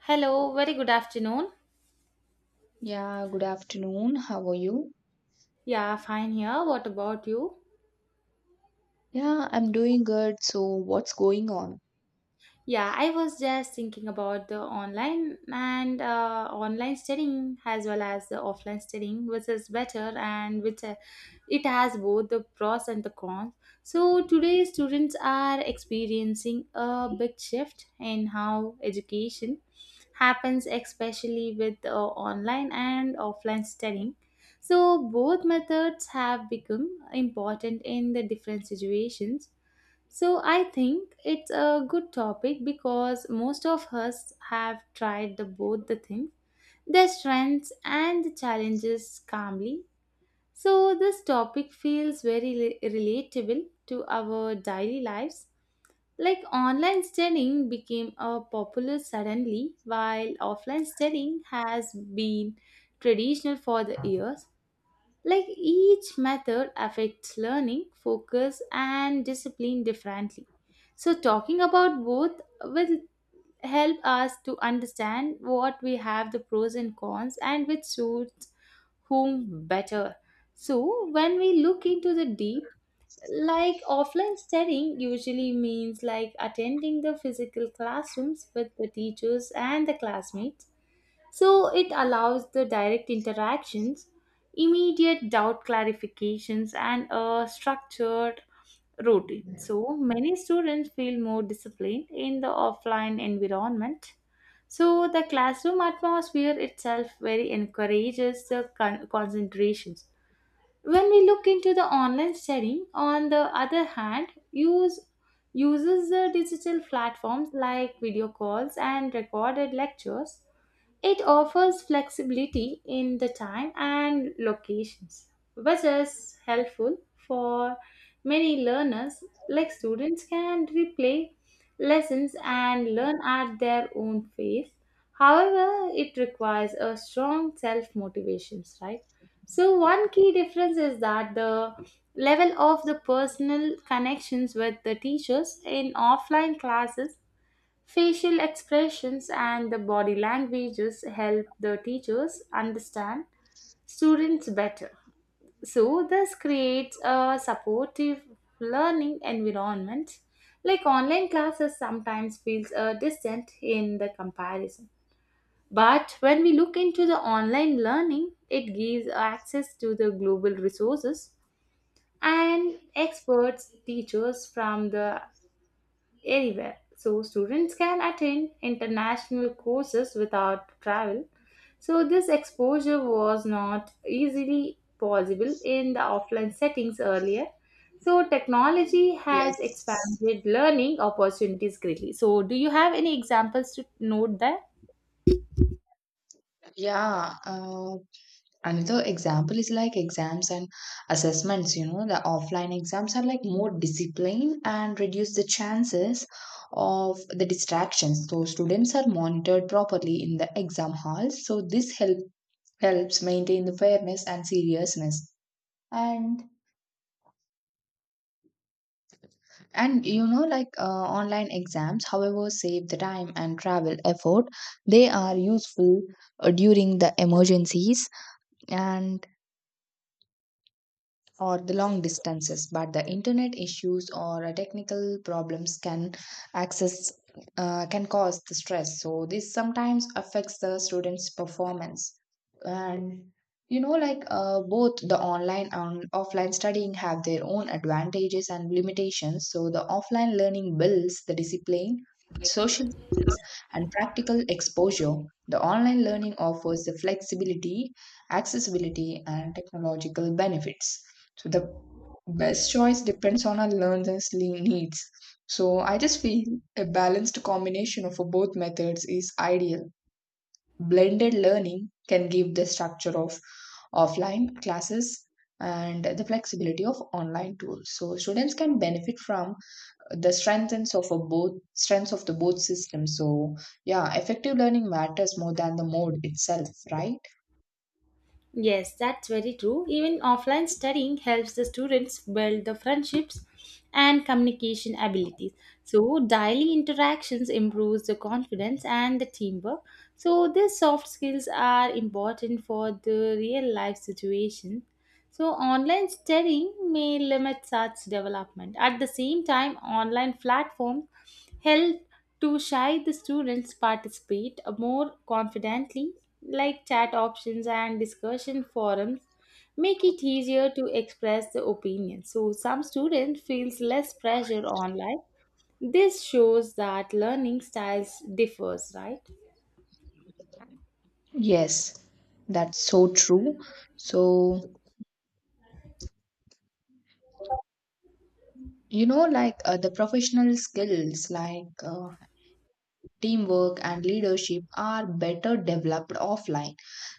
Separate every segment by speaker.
Speaker 1: Hello, very good afternoon.
Speaker 2: Yeah, good afternoon. How are you?
Speaker 1: Yeah, fine here. What about you?
Speaker 2: Yeah, I'm doing good. So, what's going on?
Speaker 1: Yeah, I was just thinking about the online and online studying as well as the offline studying, which is better and which it has both the pros and the cons. So today, students are experiencing a big shift in how education happens, especially with online and offline studying. So, both methods have become important in the different situations. So, I think it's a good topic because most of us have tried both the things, their strengths and the challenges calmly. So, this topic feels very relatable to our daily lives, like online studying became a popular suddenly, while offline studying has been traditional for the years. Like each method affects learning, focus, and discipline differently. So, talking about both will help us to understand what we have the pros and cons and which suits whom better. So, when we look into the deep, like offline studying usually means like attending the physical classrooms with the teachers and the classmates. So it allows the direct interactions, immediate doubt clarifications, and a structured routine. So many students feel more disciplined in the offline environment. So the classroom atmosphere itself very encourages the concentrations. When we look into the online studying, on the other hand, uses the digital platforms like video calls and recorded lectures. It offers flexibility in the time and locations, which is helpful for many learners, like students can replay lessons and learn at their own pace. However, it requires a strong self motivation, right? So, one key difference is that the level of the personal connections with the teachers in offline classes. Facial expressions and the body languages help the teachers understand students better. So, this creates a supportive learning environment. Like online classes sometimes feels distant in the comparison. But when we look into the online learning, it gives access to the global resources and experts, teachers from the anywhere. So students can attend international courses without travel. So this exposure was not easily possible in the offline settings earlier. So technology has
Speaker 2: Yes.
Speaker 1: expanded learning opportunities greatly. So do you have any examples to note there?
Speaker 2: Yeah. Uh, Another example is like exams and assessments. You know, the offline exams are like more disciplined and reduce the chances of the distractions. So, students are monitored properly in the exam halls. So, helps maintain the fairness and seriousness. And And you know, online exams, however, save the time and travel effort. They are useful during the emergencies and or the long distances, but the internet issues or technical problems access can cause the stress. So this sometimes affects the students performance, and you know both the online and offline studying have their own advantages and limitations. So the offline learning builds the discipline, social skills, and practical exposure. The online learning offers the flexibility, accessibility, and technological benefits. So the best choice depends on our learners' needs. So I just feel a balanced combination of both methods is ideal. Blended learning can give the structure of offline classes and the flexibility of online tools. So students can benefit from the strengths of the both systems. So yeah, effective learning matters more than the mode itself, right?
Speaker 1: Yes, that's very true. Even offline studying helps the students build the friendships and communication abilities. So, daily interactions improves the confidence and the teamwork. So, these soft skills are important for the real life situation. So, online studying may limit such development. At the same time, online platforms help to shy the students participate more confidently, like chat options and discussion forums make it easier to express the opinion. So, some students feels less pressure online. This shows that learning styles differs, right?
Speaker 2: Yes, that's so true. So you know the professional skills like teamwork and leadership are better developed offline.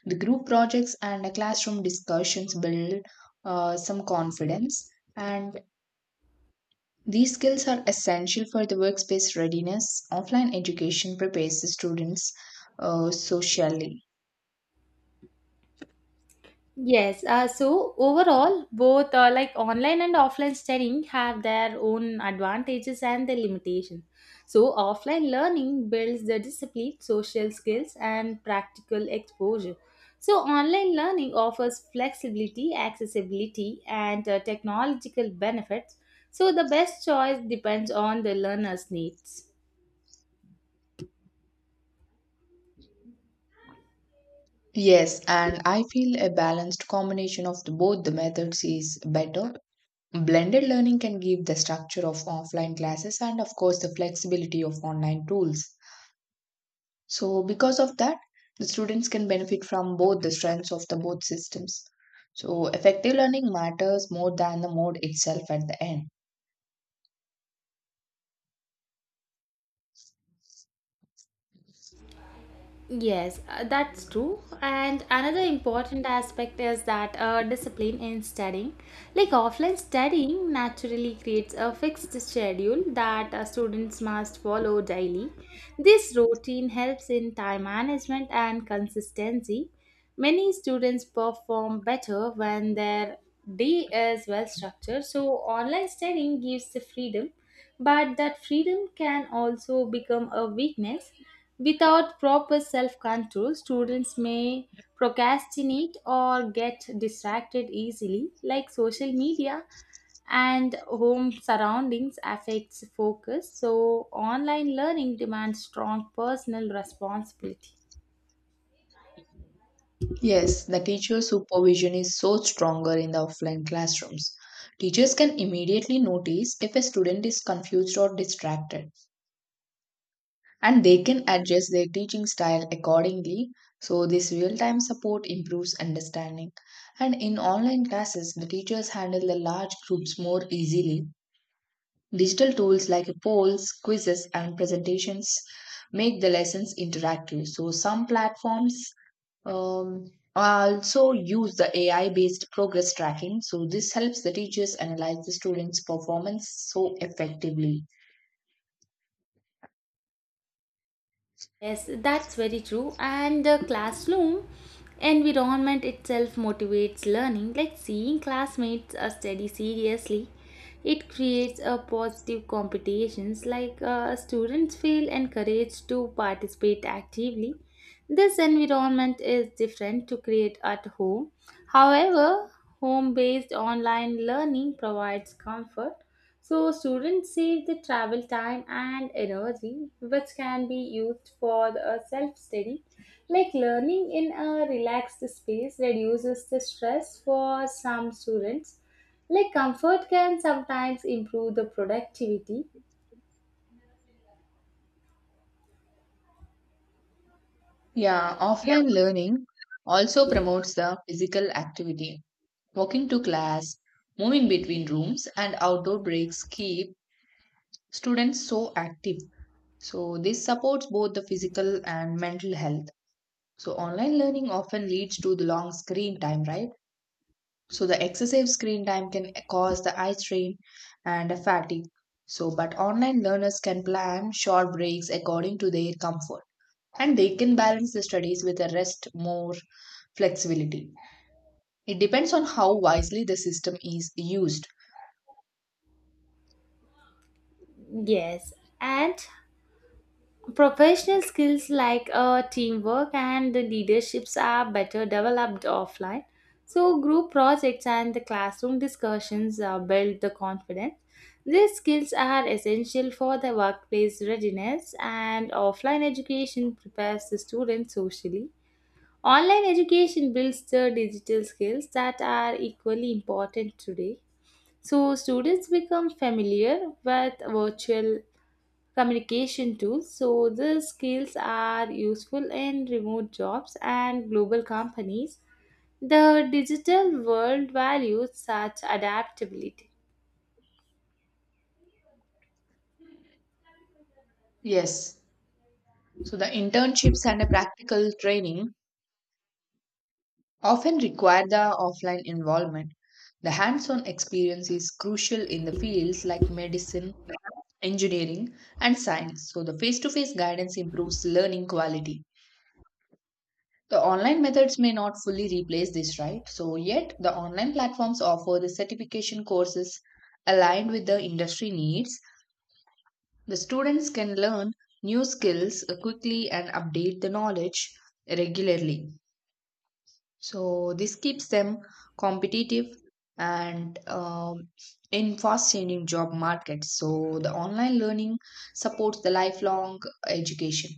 Speaker 2: The group projects and the classroom discussions build some confidence, and these skills are essential for the workspace readiness. Offline education prepares the students socially.
Speaker 1: Yes, so overall, both online and offline studying have their own advantages and their limitations. So, offline learning builds the discipline, social skills, and practical exposure. So, online learning offers flexibility, accessibility, and technological benefits. So, the best choice depends on the learner's needs.
Speaker 2: Yes, and I feel a balanced combination of both the methods is better. Blended learning can give the structure of offline classes and, of course, the flexibility of online tools. So, because of that, the students can benefit from both the strengths of the both systems. So, effective learning matters more than the mode itself at the end.
Speaker 1: Yes, that's true. And another important aspect is that discipline in studying. Like offline studying naturally creates a fixed schedule that students must follow daily. This routine helps in time management and consistency. Many students perform better when their day is well structured. So, online studying gives the freedom, but that freedom can also become a weakness. Without proper self control, students may procrastinate or get distracted easily, like social media and home surroundings affects focus. So online learning demands strong personal responsibility.
Speaker 2: Yes, the teacher supervision is so stronger in the offline classrooms. Teachers can immediately notice if a student is confused or distracted, and they can adjust their teaching style accordingly. So, this real time support improves understanding. And in online classes, the teachers handle the large groups more easily. Digital tools like polls, quizzes, and presentations make the lessons interactive. So, some platforms um, also use the AI based progress tracking. So, this helps the teachers analyze the students' performance so effectively.
Speaker 1: Yes, that's very true. And the classroom environment itself motivates learning, like seeing classmates study seriously. It creates a positive competitions, like students feel encouraged to participate actively. This environment is different to create at home. However, home based online learning provides comfort, so students save the travel time and energy, which can be used for the self-study. Like learning in a relaxed space reduces the stress for some students. Like comfort can sometimes improve the productivity.
Speaker 2: Yeah, offline learning also promotes the physical activity. Walking to class, moving between rooms, and outdoor breaks keep students so active. So, this supports both the physical and mental health. So, online learning often leads to the long screen time, right? So, the excessive screen time can cause the eye strain and fatigue. So, but online learners can plan short breaks according to their comfort, and they can balance the studies with a rest more flexibility. It depends on how wisely the system is used.
Speaker 1: Yes, and professional skills like teamwork and the leaderships are better developed offline. So, group projects and the classroom discussions build the confidence. These skills are essential for the workplace readiness, and offline education prepares the students socially. Online education builds the digital skills that are equally important today. So, students become familiar with virtual communication tools. So these skills are useful in remote jobs and global companies. The digital world values such adaptability.
Speaker 2: Yes, so the internships and the practical training often require the offline involvement. The hands-on experience is crucial in the fields like medicine, engineering, and science. So the face-to-face guidance improves learning quality. The online methods may not fully replace this, right? So, yet the online platforms offer the certification courses aligned with the industry needs. The students can learn new skills quickly and update the knowledge regularly. So, this keeps them competitive and in fast changing job markets. So, the online learning supports the lifelong education.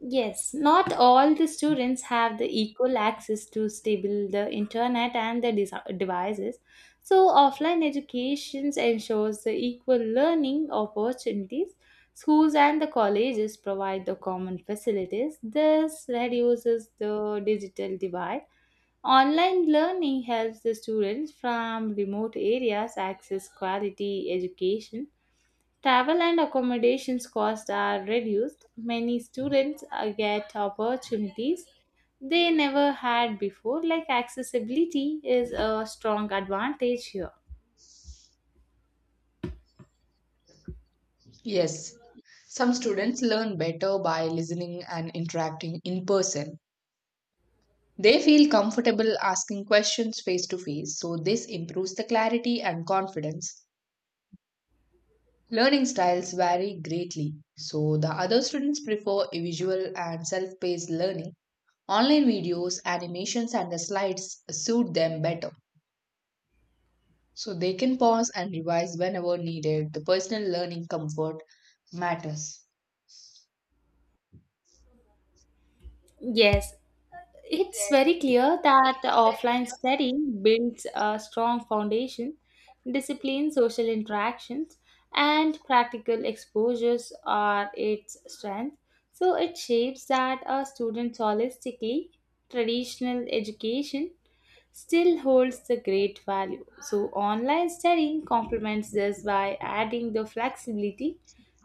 Speaker 1: Yes, not all the students have the equal access to stable the internet and the devices. So offline education ensures the equal learning opportunities. Schools and the colleges provide the common facilities. This reduces the digital divide. Online learning helps the students from remote areas access quality education. Travel and accommodations costs are reduced. Many students get opportunities they never had before, like accessibility is a strong advantage here.
Speaker 2: Yes, some students learn better by listening and interacting in person. They feel comfortable asking questions face to face, so this improves the clarity and confidence. Learning styles vary greatly, so the other students prefer visual and self paced learning. Online videos, animations, and the slides suit them better, so they can pause and revise whenever needed. The personal learning comfort matters.
Speaker 1: Yes, it's very clear that
Speaker 2: Yes.
Speaker 1: offline studying builds a strong foundation, discipline, social interactions, and practical exposures are its strength. So it shapes that a student holistically. Traditional education still holds the great value. So, online studying complements this by adding the flexibility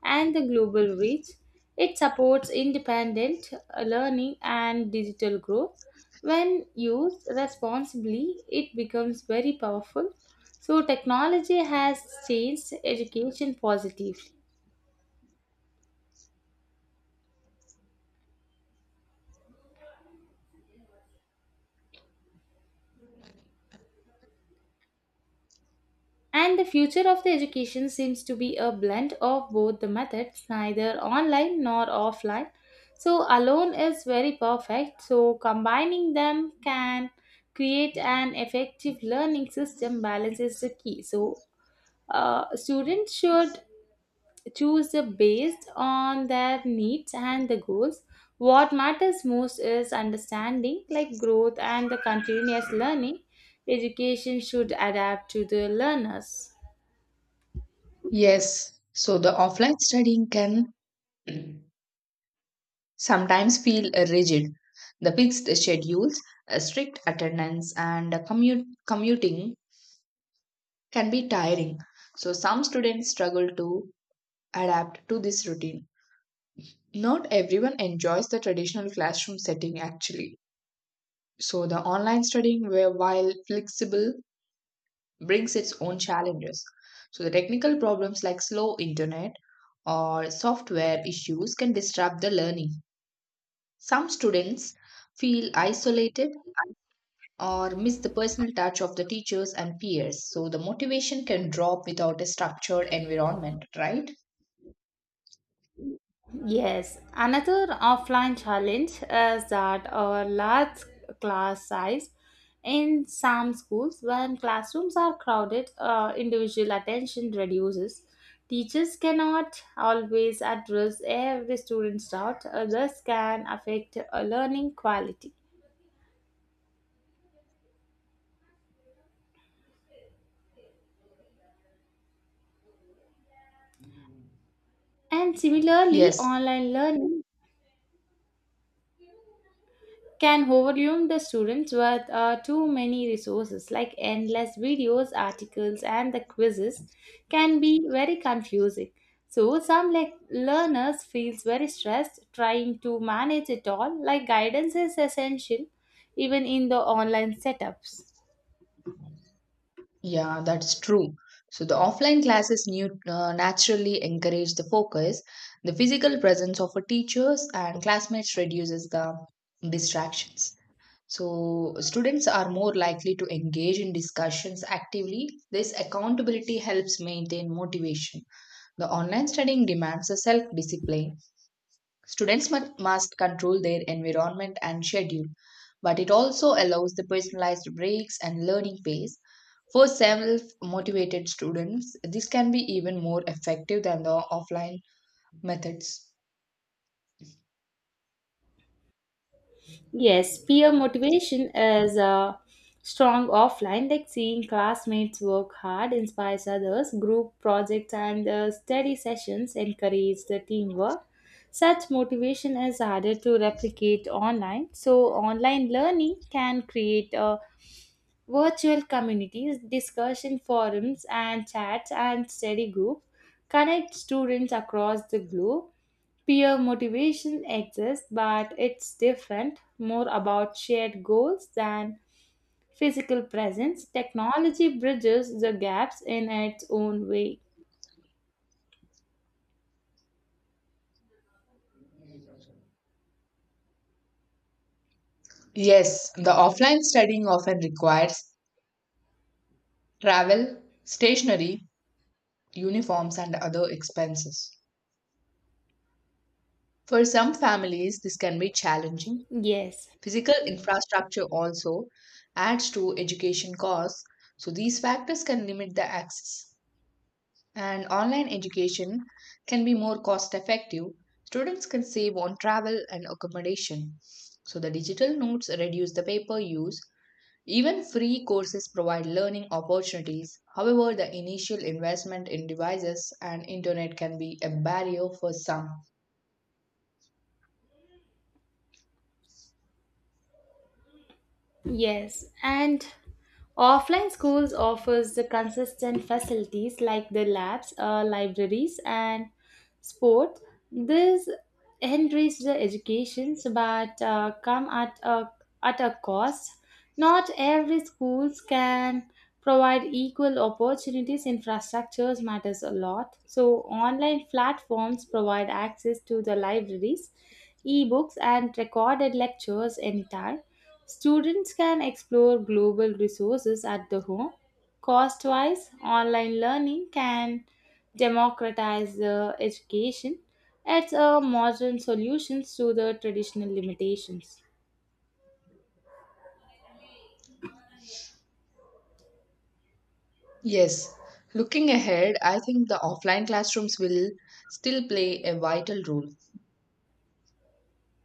Speaker 1: and the global reach. It supports independent learning and digital growth. When used responsibly, it becomes very powerful. So, technology has changed education positively. And the future of the education seems to be a blend of both the methods, neither online nor offline. So, alone is very perfect. So, combining them can create an effective learning system. Balance is the key. So, students should choose the based on their needs and the goals. What matters most is understanding, like growth and the continuous learning. Education should adapt to the learners.
Speaker 2: Yes, so the offline studying can sometimes feel rigid. The fixed schedules, strict attendance, and commuting can be tiring. So, some students struggle to adapt to this routine. Not everyone enjoys the traditional classroom setting actually. So, the online studying, where while flexible, brings its own challenges. So, the technical problems like slow internet or software issues can disrupt the learning. Some students feel isolated or miss the personal touch of the teachers and peers, so the motivation can drop without a structured environment, right?
Speaker 1: Yes, another offline challenge is that our large class size in some schools, when classrooms are crowded, individual attention reduces. Teachers cannot always address every student's doubt, thus can affect learning quality. And similarly,
Speaker 2: Yes,
Speaker 1: online learning can overwhelm the students with too many resources, like endless videos, articles, and the quizzes can be very confusing. So some like learners feels very stressed trying to manage it all. Like guidance is essential even in the online setups.
Speaker 2: yeah, that's true. So the offline classes naturally encourage the focus. The physical presence of a teachers and classmates reduces the distractions. So students are more likely to engage in discussions actively. This accountability helps maintain motivation. The online studying demands a self discipline. Students must control their environment and schedule, but it also allows the personalized breaks and learning pace. For self motivated students, this can be even more effective than the offline methods.
Speaker 1: Yes, peer motivation is strong offline, like seeing classmates work hard inspires others. Group projects and study sessions encourage the teamwork. Such motivation is harder to replicate online. So, online learning can create virtual communities, discussion forums, and chats and study groups, connect students across the globe. Peer motivation exists, but it's different, more about shared goals than physical presence. Technology bridges the gaps in its own way.
Speaker 2: Yes, the offline studying often requires travel, stationery, uniforms, and other expenses. For some families, this can be challenging.
Speaker 1: Yes,
Speaker 2: Physical infrastructure also adds to education costs, so these factors can limit the access. And online education can be more cost effective. Students can save on travel and accommodation. So the digital notes reduce the paper use. Even free courses provide learning opportunities. However, the initial investment in devices and internet can be a barrier for some.
Speaker 1: yes, and offline schools offers the consistent facilities like the labs, libraries, and sport. This enriches the educations, but come at a cost. Not every schools can provide equal opportunities. Infrastructures matters a lot. So online platforms provide access to the libraries, ebooks, and recorded lectures anytime. Students can explore global resources at the home. Cost wise, online learning can democratize the education. It's a modern solution to the traditional limitations.
Speaker 2: Yes, looking ahead, I think the offline classrooms will still play a vital role.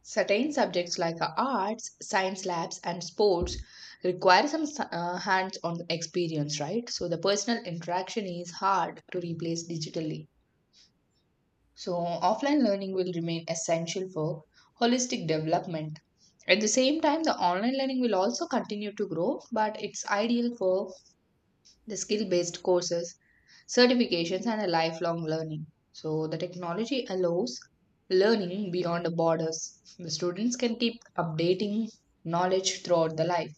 Speaker 2: Certain subjects like arts, science labs, and sports require some hands on experience, right? So the personal interaction is hard to replace digitally. So offline learning will remain essential for holistic development. At the same time, the online learning will also continue to grow, but it's ideal for the skill based courses, certifications, and a lifelong learning. So, the technology allows learning beyond the borders. The students can keep updating knowledge throughout the life.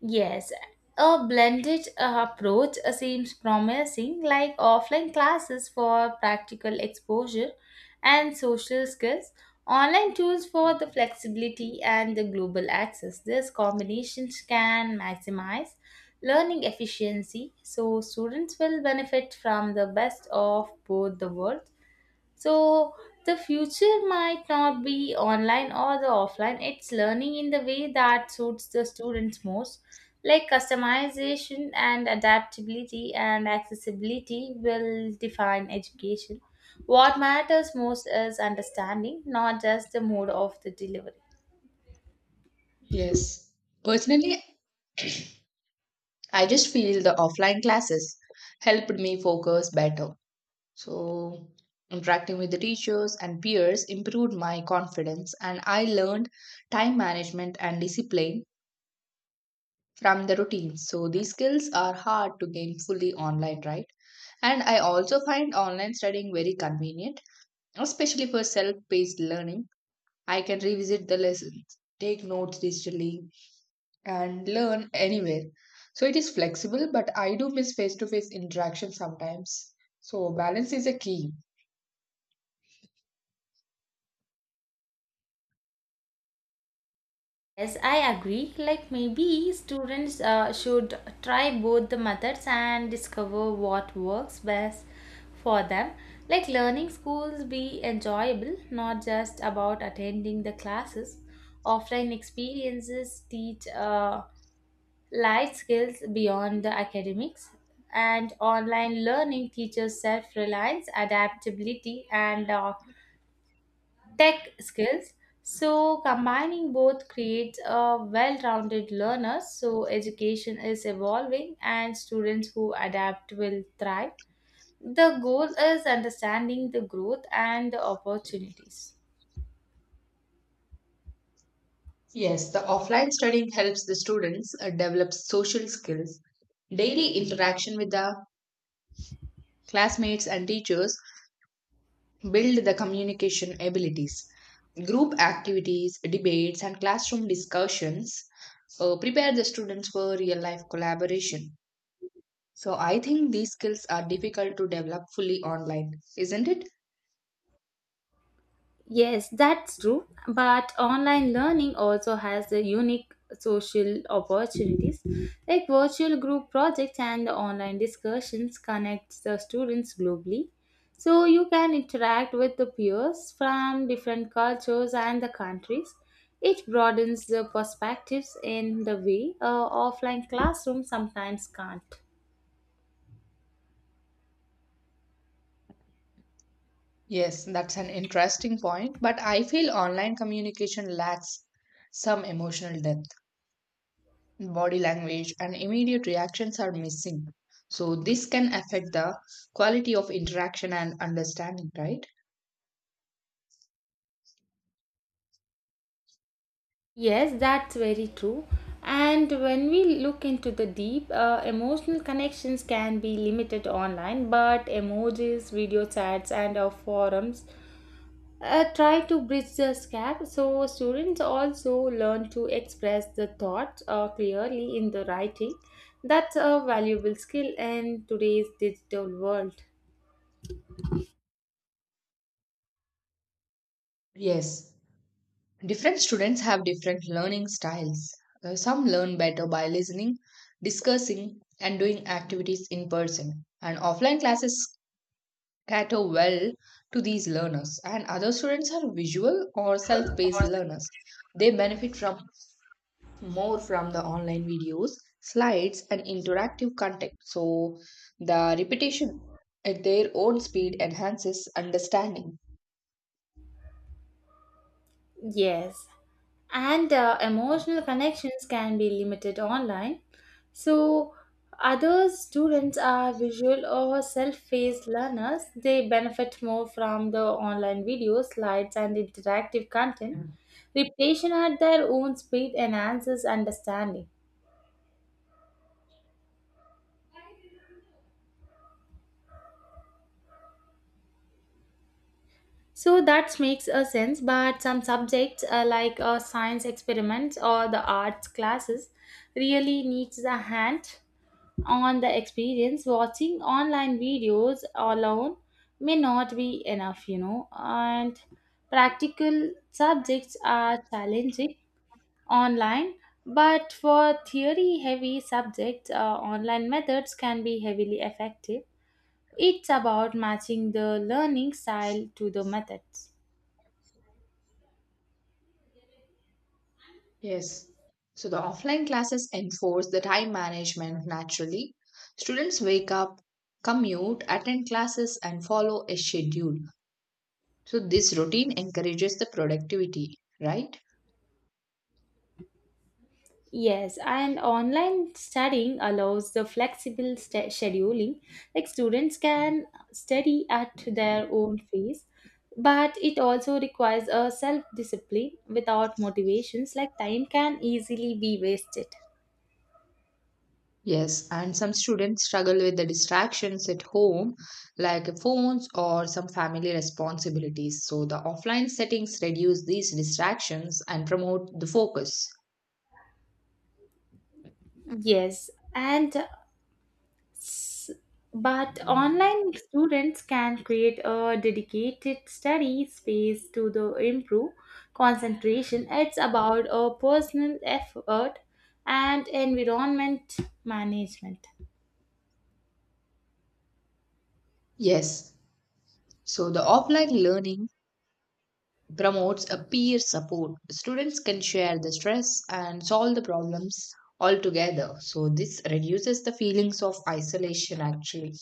Speaker 1: Yes, a blended approach seems promising, like offline classes for practical exposure and social skills, online tools for the flexibility and the global access. This combination can maximize learning efficiency, so students will benefit from the best of both the world. So the future might not be online or the offline. It's learning in the way that suits the students most. Like customization and adaptability and accessibility will define education. What matters most is understanding, not just the mode of the delivery.
Speaker 2: Yes. Personally, I just feel the offline classes helped me focus better. So, interacting with the teachers and peers improved my confidence, and I learned time management and discipline from the routines. So, these skills are hard to gain fully online, right? And I also find online studying very convenient, especially for self paced learning. I can revisit the lessons, take notes digitally, and learn anywhere. So it is flexible, but I do miss face to face interaction sometimes. So balance is a key.
Speaker 1: Yes, I agree. Like maybe students should try both the methods and discover what works best for them. Like learning schools be enjoyable, not just about attending the classes. Offline experiences teach life skills beyond the academics, and online learning teaches self reliance, adaptability, and tech skills. So, combining both creates a well rounded learner. So, education is evolving and students who adapt will thrive. The goal is understanding the growth and the opportunities.
Speaker 2: Yes, the offline studying helps the students develop social skills. Daily interaction with the classmates and teachers build the communication abilities. Group activities, debates, and classroom discussions prepare the students for real life collaboration. So I think these skills are difficult to develop fully online, isn't it?
Speaker 1: Yes, that's true. But online learning also has the unique social opportunities. Like virtual group projects and the online discussions connect the students globally. So you can interact with the peers from different cultures and the countries. It broadens the perspectives in the way offline classroom sometimes can't.
Speaker 2: Yes, that's an interesting point, but I feel online communication lacks some emotional depth. Body language and immediate reactions are missing, so this can affect the quality of interaction and understanding, right?
Speaker 1: Yes, that's very true. And when we look into the deep, emotional connections can be limited online, but emojis, video chats, and forums try to bridge this gap. So, students also learn to express the thoughts clearly in the writing. That's a valuable skill in today's digital world.
Speaker 2: Yes. Different students have different learning styles. Some learn better by listening, discussing, and doing activities in person. And offline classes cater well to these learners. And other students are visual or self paced learners. They benefit from more from the online videos, slides, and interactive content. So, the repetition at their own speed enhances understanding.
Speaker 1: Yes, and emotional connections can be limited online. So, other students are visual or self paced learners. They benefit more from the online videos, slides, and interactive content. Repetition at their own speed enhances understanding. So that makes a sense, but some subjects like science experiments or the arts classes really needs a hand on the experience. Watching online videos alone may not be enough, you know, and practical subjects are challenging online, but for theory heavy subjects, online methods can be heavily effective. It's about matching the learning style to the methods.
Speaker 2: Yes. So the offline classes enforce the time management naturally. Students wake up, commute, attend classes, and follow a schedule. So this routine encourages the productivity, right?
Speaker 1: Yes, and online studying allows the flexible scheduling. Like students can study at their own pace, but it also requires a self discipline. Without motivations, like time can easily be wasted.
Speaker 2: Yes, and some students struggle with the distractions at home, like phones or some family responsibilities. So the offline settings reduce these distractions and promote the focus.
Speaker 1: Yes, and But online students can create a dedicated study space to the improve concentration. It's about a personal effort and environment management.
Speaker 2: Yes. So the offline learning promotes a peer support. Students can share the stress and solve the problems all together. So this reduces the feelings of isolation actually.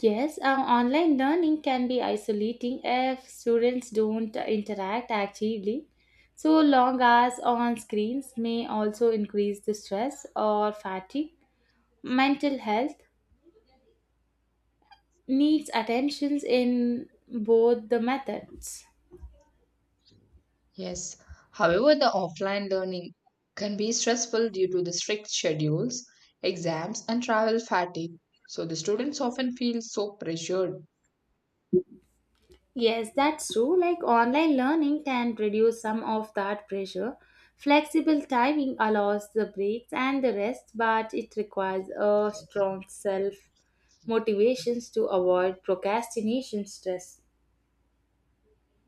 Speaker 1: Yes, online learning can be isolating if students don't interact actively. So long hours on screens may also increase the stress or fatigue, mental health, needs attentions in both the methods.
Speaker 2: Yes. However, the offline learning can be stressful due to the strict schedules, exams, and travel fatigue. So the students often feel so pressured.
Speaker 1: Yes, that's true. Like online learning can reduce some of that pressure. Flexible timing allows the breaks and the rest, but it requires a strong self motivations to avoid procrastination stress.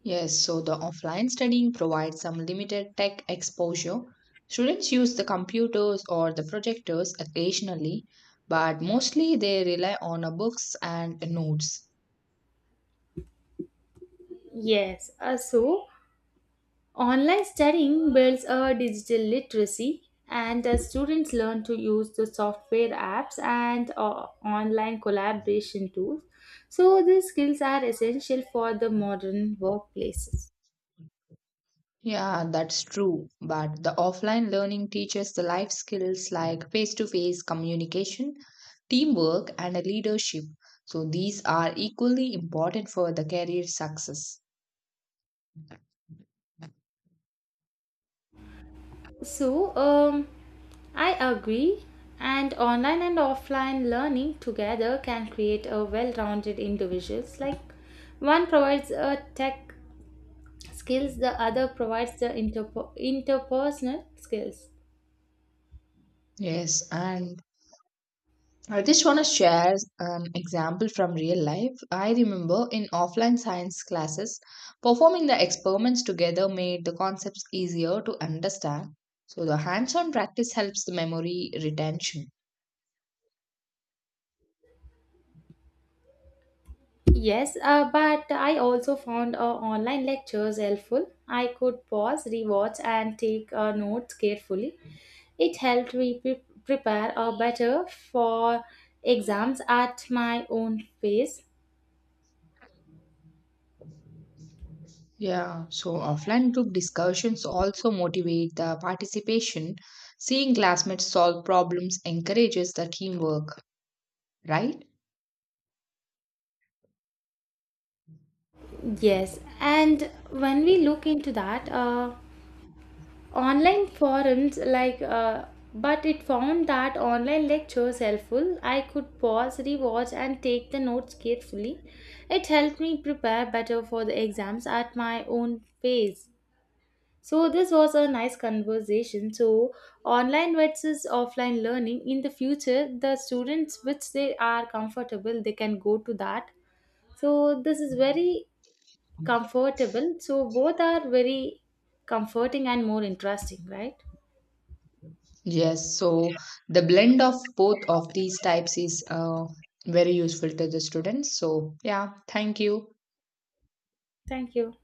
Speaker 2: Yes, so the offline studying provides some limited tech exposure. Students use the computers or the projectors occasionally, but mostly they rely on books and notes.
Speaker 1: Yes, so. Online studying builds a digital literacy and the students learn to use the software apps and online collaboration tools. So these skills are essential for the modern workplaces.
Speaker 2: Yeah, that's true. But the offline learning teaches the life skills like face to face communication, teamwork, and leadership. So these are equally important for the career success.
Speaker 1: So I agree, and online and offline learning together can create a well-rounded individuals, like one provides a tech skills, the other provides the interpersonal skills.
Speaker 2: Yes, and I just want to share an example from real life. I remember in offline science classes, performing the experiments together made the concepts easier to understand. So, the hands on practice helps the memory retention.
Speaker 1: Yes, but I also found online lectures helpful. I could pause, rewatch, and take notes carefully. It helped me prepare better for exams at my own pace.
Speaker 2: Yeah, so offline group discussions also motivate the participation. Seeing classmates solve problems encourages the teamwork, right?
Speaker 1: Yes, and when we look into that, online forums like but it found that online lectures helpful. I could pause, rewatch, and take the notes carefully. It helped me prepare better for the exams at my own pace. So this was a nice conversation. So online versus offline learning in the future, the students which they are comfortable they can go to that. So this is very comfortable, so both are very comforting and more interesting, right?
Speaker 2: Yes, so the blend of both of these types is very useful to the students. So, yeah, thank you.
Speaker 1: Thank you.